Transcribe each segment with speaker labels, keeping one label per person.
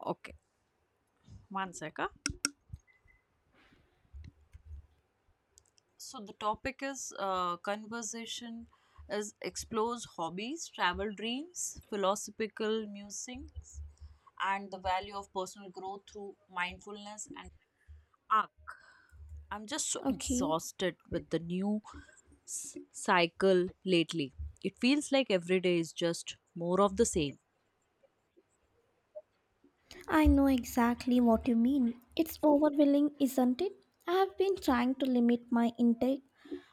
Speaker 1: Okay, one second. So the topic is conversation is explores hobbies, travel dreams, philosophical musings, and the value of personal growth through mindfulness and arc. I'm just so
Speaker 2: Okay,
Speaker 1: exhausted with the new cycle lately. It feels like every day is just more of the same.
Speaker 2: I know exactly what you mean. It's overwhelming, isn't it? I have been trying to limit my intake,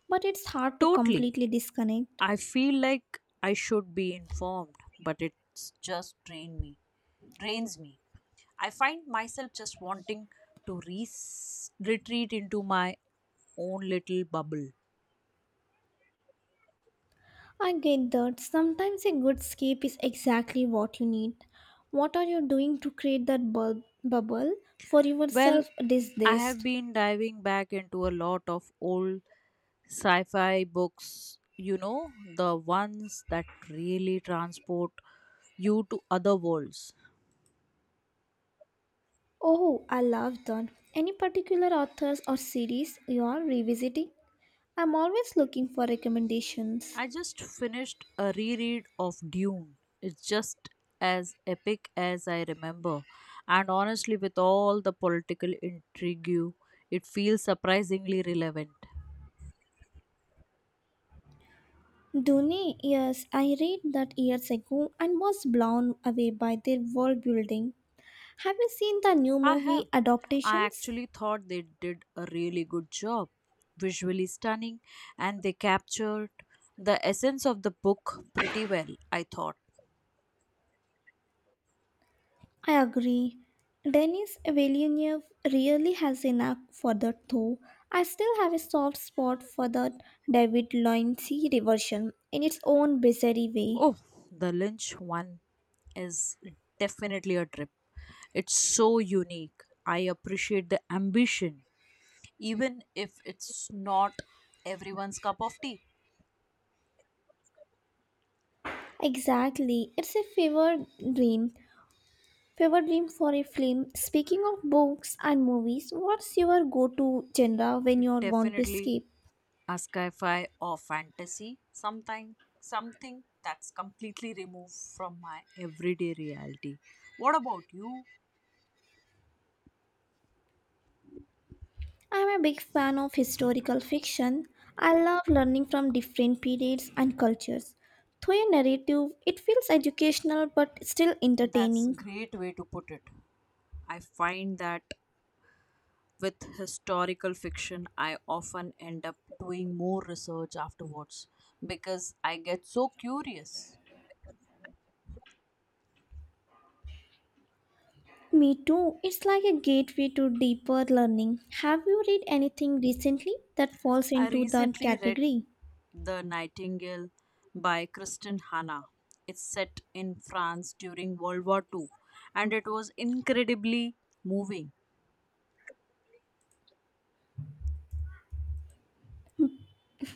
Speaker 2: but it's hard to
Speaker 1: Totally.
Speaker 2: completely disconnect.
Speaker 1: I feel like I should be informed, but it's just drain me. Drains me. I find myself just wanting to retreat into my own little bubble.
Speaker 2: I get that sometimes a good escape is exactly what you need. What are you doing to create that bubble for
Speaker 1: Well,
Speaker 2: yourself these
Speaker 1: I
Speaker 2: days?
Speaker 1: have been diving back into a lot of old sci fi books, you know, the ones that really transport you to other worlds.
Speaker 2: Oh, I love that. Any particular authors or series you are revisiting? I'm always looking for recommendations.
Speaker 1: I just finished a reread of Dune. It's just as epic as I remember. And honestly, with all the political intrigue, it feels surprisingly relevant.
Speaker 2: Dune, yes, I read that years ago and was blown away by their world building. Have you seen the new
Speaker 1: I have.
Speaker 2: movie
Speaker 1: I
Speaker 2: adaptations?
Speaker 1: actually thought they did a really good job. Visually stunning, and they captured the essence of the book pretty well, I thought.
Speaker 2: I agree. Denis Villeneuve really has a knack for that though. I still have a soft spot for the David Lynch reversion in its own bizarre way.
Speaker 1: Oh, the Lynch one is definitely a trip. It's so unique. I appreciate the ambition, even if it's not everyone's cup of tea.
Speaker 2: Exactly, it's a fever dream. Fever dream for a film. Speaking of books and movies, what's your go-to genre when you want to
Speaker 1: Definitely
Speaker 2: escape?
Speaker 1: a sci-fi or fantasy, something that's completely removed from my everyday reality. What about you?
Speaker 2: I'm a big fan of historical fiction. I love learning from different periods and cultures. Through a narrative, it feels educational but still
Speaker 1: That's a
Speaker 2: entertaining.
Speaker 1: great way to put it. I find that with historical fiction, I often end up doing more research afterwards because I get so curious.
Speaker 2: Me too. It's like a gateway to deeper learning. Have you read anything recently that falls
Speaker 1: I
Speaker 2: into that
Speaker 1: recently read
Speaker 2: category?
Speaker 1: The Nightingale by Kristen Hanna. It's set in France during World War II and it was incredibly moving.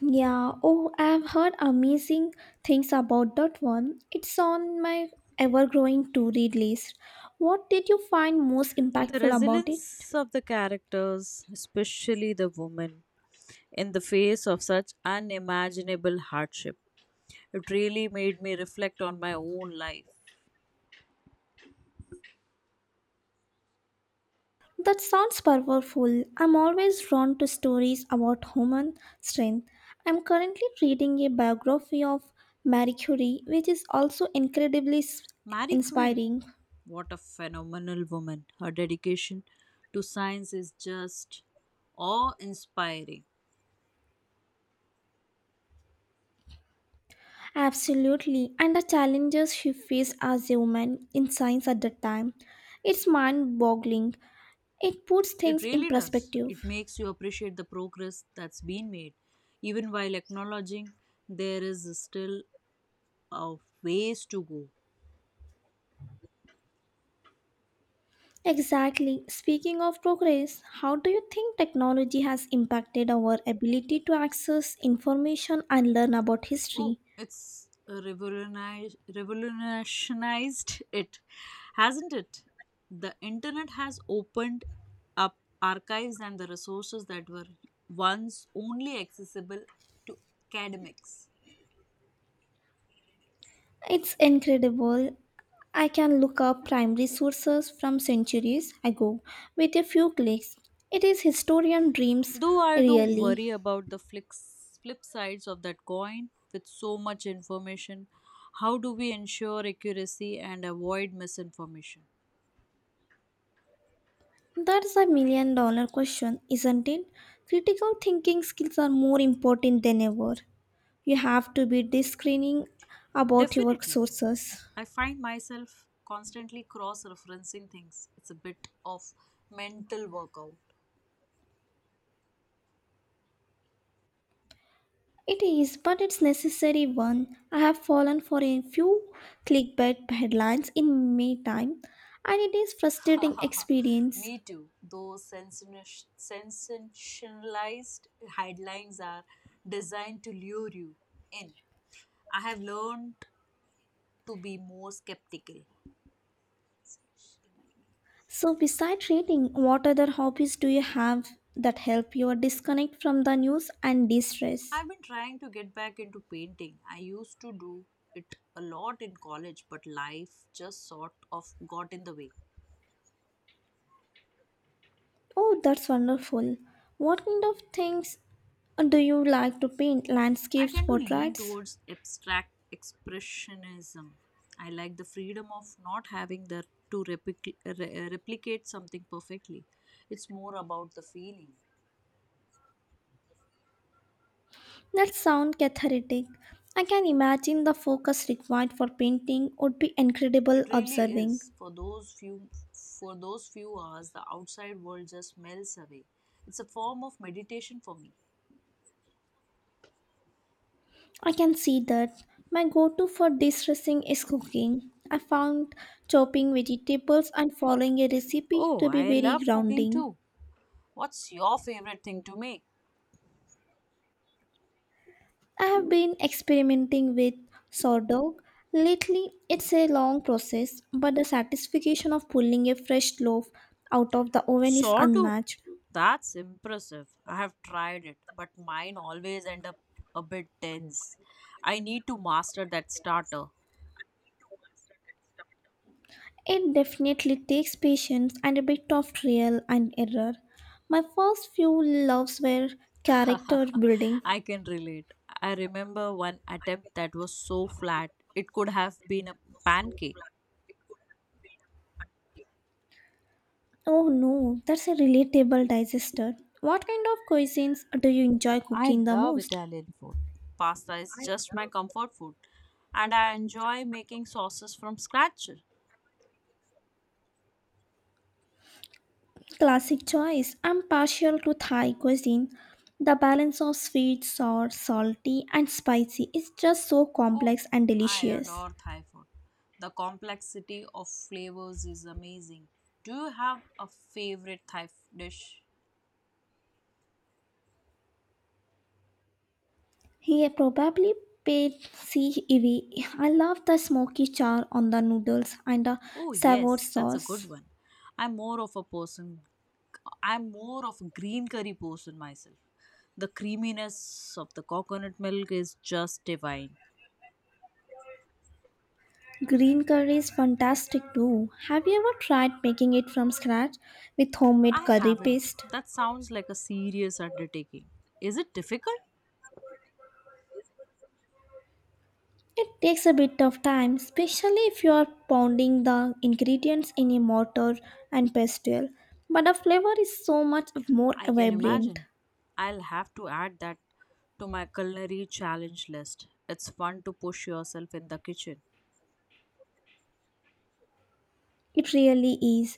Speaker 2: Yeah, oh, I've heard amazing things about that one. It's on my ever growing to read list. What did you find most
Speaker 1: The
Speaker 2: impactful about it?
Speaker 1: resilience of the characters, especially the woman, in the face of such unimaginable hardship. It really made me reflect on my own life.
Speaker 2: That sounds powerful. I'm always drawn to stories about human strength. I'm currently reading a biography of Marie Curie, which is also incredibly
Speaker 1: Marie Curie,
Speaker 2: inspiring.
Speaker 1: what a phenomenal woman. Her dedication to science is just awe inspiring.
Speaker 2: Absolutely, and the challenges she faced as a woman in science at that time. It's mind boggling. It puts
Speaker 1: It
Speaker 2: things in
Speaker 1: really does.
Speaker 2: perspective.
Speaker 1: It makes you appreciate the progress that's been made, even while acknowledging there is still a ways to go.
Speaker 2: Exactly. Speaking of progress, how do you think technology has impacted our ability to access information and learn about
Speaker 1: Oh,
Speaker 2: history?
Speaker 1: it's revolutionized it, hasn't it? The internet has opened up archives and the resources that were once only accessible to academics.
Speaker 2: It's incredible. I can look up primary sources from centuries ago with a few clicks. It is historian dreams,
Speaker 1: Though I do
Speaker 2: really.
Speaker 1: worry about the flip sides of that coin. With so much information, how do we ensure accuracy and avoid misinformation?
Speaker 2: That's a million dollar question, isn't it? Critical thinking skills are more important than ever. You have to be discerning about your
Speaker 1: Definitely.
Speaker 2: sources.
Speaker 1: I find myself constantly cross referencing things. It's a bit of mental workout.
Speaker 2: It is, but it's necessary one. I have fallen for a few clickbait headlines in May time, and it is frustrating experience.
Speaker 1: Me too. Those sensationalized headlines are designed to lure you in. I have learned to be more skeptical.
Speaker 2: So, besides reading, what other hobbies do you have that help you disconnect from the news and de stress?
Speaker 1: I've been trying to get back into painting. I used to do it a lot in college, but life just sort of got in the way.
Speaker 2: Oh, that's wonderful. What kind of things do you like to paint?
Speaker 1: I
Speaker 2: Landscapes,
Speaker 1: tend to lean
Speaker 2: portraits?
Speaker 1: towards abstract expressionism. I like the freedom of not having the, to replicate something perfectly. It's more about the feeling.
Speaker 2: That sounds cathartic. I can imagine the focus required for painting would be incredible
Speaker 1: It really
Speaker 2: observing.
Speaker 1: is. For those few hours, the outside world just melts away. It's a form of meditation for me.
Speaker 2: I can see that. My go to for distressing is cooking. I found chopping vegetables and following a recipe
Speaker 1: Oh,
Speaker 2: to be
Speaker 1: I
Speaker 2: very
Speaker 1: love cooking
Speaker 2: grounding.
Speaker 1: too. What's your favorite thing to make?
Speaker 2: I have been experimenting with sourdough lately. It's a long process, but the satisfaction of pulling a fresh loaf out of the oven is
Speaker 1: Sourdough?
Speaker 2: unmatched.
Speaker 1: That's impressive. I have tried it, but mine always end up a bit dense. I need to master that starter.
Speaker 2: It definitely takes patience and a bit of trial and error. My first few loaves were character building.
Speaker 1: I can relate. I remember one attempt that was so flat, it could have been a pancake.
Speaker 2: Oh no, that's a relatable digester. What kind of cuisines do you enjoy
Speaker 1: I
Speaker 2: cooking the
Speaker 1: love
Speaker 2: most?
Speaker 1: Italian food. Pasta is just my comfort food, and I enjoy making sauces from scratch.
Speaker 2: Classic choice. I'm partial to Thai cuisine. The balance of sweet, sour, salty, and spicy is just so
Speaker 1: Oh,
Speaker 2: complex and
Speaker 1: I
Speaker 2: delicious.
Speaker 1: adore Thai food. The complexity of flavors is amazing. Do you have a favorite Thai dish?
Speaker 2: He probably paid CEV. I love the smoky char on the noodles and the
Speaker 1: Oh,
Speaker 2: savour
Speaker 1: yes, that's a good
Speaker 2: sauce.
Speaker 1: one. I'm more of a person, I'm more of a green curry person myself. The creaminess of the coconut milk is just divine.
Speaker 2: Green curry is fantastic too. Have you ever tried making it from scratch with homemade
Speaker 1: I
Speaker 2: curry
Speaker 1: haven't.
Speaker 2: paste?
Speaker 1: That sounds like a serious undertaking. Is it difficult?
Speaker 2: It takes a bit of time, especially if you are pounding the ingredients in a mortar and pestle, but the flavor is so much more
Speaker 1: I can
Speaker 2: vibrant.
Speaker 1: imagine. I'll have to add that to my culinary challenge list. It's fun to push yourself in the kitchen.
Speaker 2: It really is.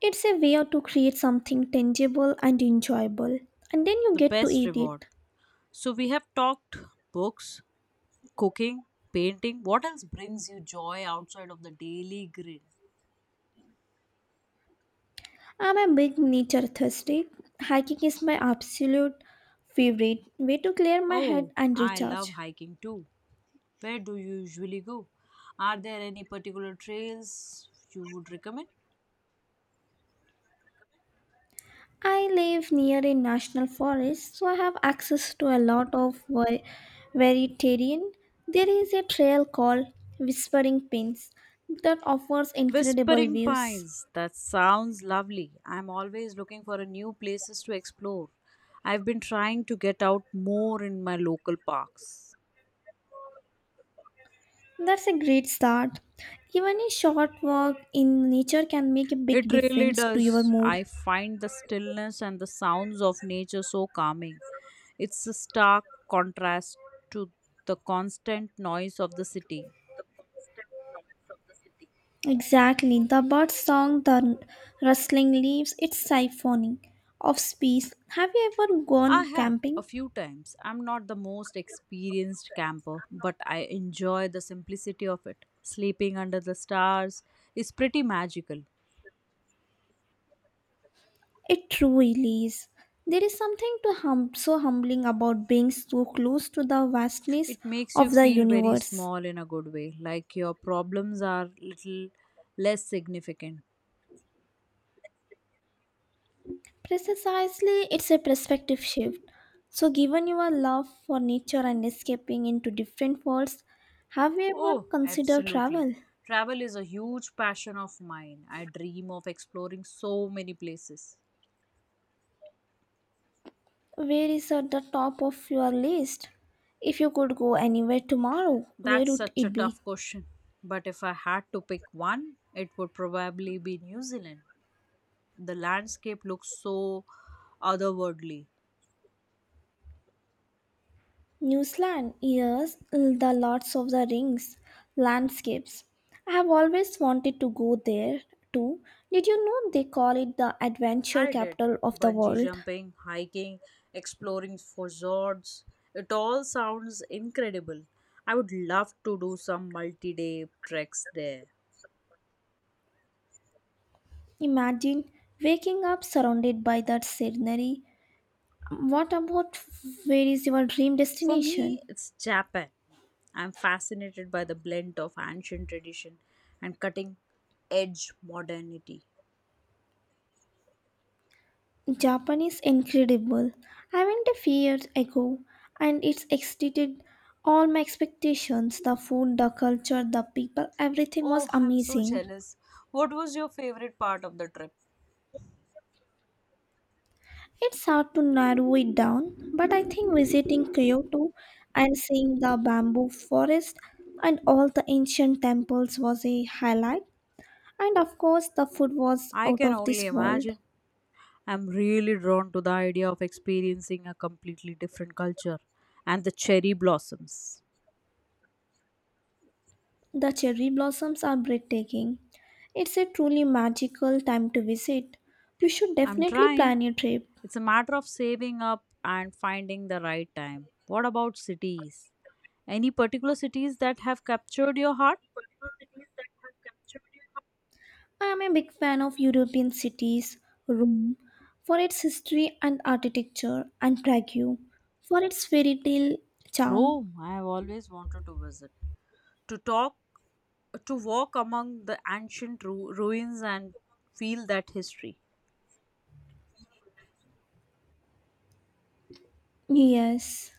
Speaker 2: It's a way to create something tangible and enjoyable, and then you
Speaker 1: The
Speaker 2: get to
Speaker 1: best
Speaker 2: eat
Speaker 1: reward.
Speaker 2: it.
Speaker 1: So, we have talked books, cooking, painting. What else brings you joy outside of the daily grind?
Speaker 2: I'm a big nature thirsty. Hiking is my absolute favorite way to clear my
Speaker 1: Oh,
Speaker 2: head and
Speaker 1: I love
Speaker 2: recharge.
Speaker 1: hiking too. Where do you usually go? Are there any particular trails you would recommend?
Speaker 2: I live near a national forest, so I have access to a lot of varied terrain. There is a trail called Whispering Pins that offers incredible
Speaker 1: Whispering
Speaker 2: views.
Speaker 1: Pines. That sounds lovely. I'm always looking for a new places to explore. I've been trying to get out more in my local parks.
Speaker 2: That's a great start. Even a short walk in nature can make a big
Speaker 1: It really
Speaker 2: difference to your
Speaker 1: does.
Speaker 2: mood.
Speaker 1: I find the stillness and the sounds of nature so calming. It's a stark contrast to the constant noise of the city.
Speaker 2: Exactly, the bird song, the rustling leaves, it's siphoning of space. Have you ever
Speaker 1: I
Speaker 2: gone
Speaker 1: have a
Speaker 2: camping?
Speaker 1: few times. I'm not the most experienced camper, but I enjoy the simplicity of it. Sleeping under the stars is pretty magical.
Speaker 2: It truly is. There is something to so humbling about being so close to the vastness
Speaker 1: It makes you
Speaker 2: of the
Speaker 1: feel very
Speaker 2: universe.
Speaker 1: small in a good way, like your problems are little less significant.
Speaker 2: Precisely, it's a perspective shift. So, given your love for nature and escaping into different worlds, have you ever
Speaker 1: Oh,
Speaker 2: considered
Speaker 1: absolutely.
Speaker 2: travel?
Speaker 1: Travel is a huge passion of mine. I dream of exploring so many places.
Speaker 2: Where is at the top of your list? If you could go anywhere tomorrow, where
Speaker 1: That's
Speaker 2: would
Speaker 1: such a
Speaker 2: it be?
Speaker 1: tough question. But if I had to pick one, it would probably be New Zealand. The landscape looks so otherworldly.
Speaker 2: New Zealand, yes, the Lords of the Rings landscapes. I have always wanted to go there too. Did you know they call it the adventure
Speaker 1: I did
Speaker 2: capital of the
Speaker 1: bungee
Speaker 2: world?
Speaker 1: jumping, hiking, exploring for fjords. It all sounds incredible. I would love to do some multi day treks there.
Speaker 2: Imagine waking up surrounded by that scenery. What about, where is your dream
Speaker 1: For
Speaker 2: destination?
Speaker 1: me, it's Japan. I'm fascinated by the blend of ancient tradition and cutting edge modernity.
Speaker 2: Japan is incredible. I went a few years ago and it's exceeded all my expectations. The food, the culture, the people, everything
Speaker 1: Oh,
Speaker 2: was
Speaker 1: I'm so
Speaker 2: amazing.
Speaker 1: jealous. What was your favorite part of the trip?
Speaker 2: It's hard to narrow it down, but I think visiting Kyoto and seeing the bamboo forest and all the ancient temples was a highlight. And of course, the food was
Speaker 1: I
Speaker 2: out
Speaker 1: can
Speaker 2: of
Speaker 1: only
Speaker 2: this world.
Speaker 1: imagine. I'm really drawn to the idea of experiencing a completely different culture and the cherry blossoms.
Speaker 2: The cherry blossoms are breathtaking. It's a truly magical time to visit. You should
Speaker 1: I'm
Speaker 2: definitely
Speaker 1: trying.
Speaker 2: plan your trip.
Speaker 1: It's a matter of saving up and finding the right time. What about cities? Any particular cities that have captured your heart?
Speaker 2: I am a big fan of European cities, Rome, for its history and architecture, and Prague, for its fairy tale charm.
Speaker 1: Rome, I have always wanted to visit. To talk to walk among the ancient ruins and feel that history.
Speaker 2: Yes,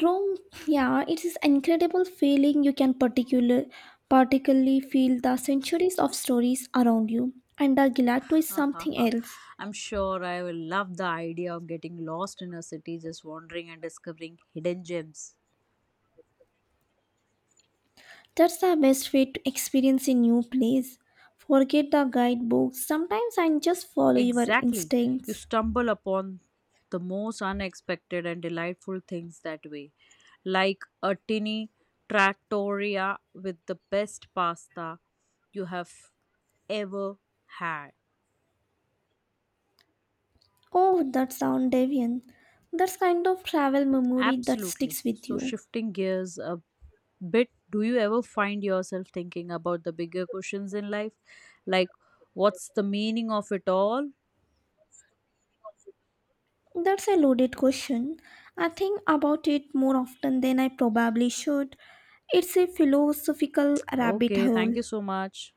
Speaker 2: Rome. Yeah, it is incredible feeling. You can particularly feel the centuries of stories around you, and the gelato is
Speaker 1: Ha, ha,
Speaker 2: something
Speaker 1: ha.
Speaker 2: else.
Speaker 1: I'm sure I will love the idea of getting lost in a city, just wandering and discovering hidden gems.
Speaker 2: That's the best way to experience a new place. Forget the guidebooks. Sometimes and just follow your
Speaker 1: Exactly. You
Speaker 2: instincts.
Speaker 1: stumble upon the most unexpected and delightful things that way, like a tiny trattoria with the best pasta you have ever had.
Speaker 2: Oh, that sound deviant. That's kind of travel memory that
Speaker 1: Absolutely.
Speaker 2: sticks with
Speaker 1: So,
Speaker 2: you.
Speaker 1: shifting gears a But do you ever find yourself thinking about the bigger questions in life? Like, what's the meaning of it all?
Speaker 2: That's a loaded question. I think about it more often than I probably should. It's a philosophical rabbit
Speaker 1: Okay, thank
Speaker 2: hole.
Speaker 1: you so much.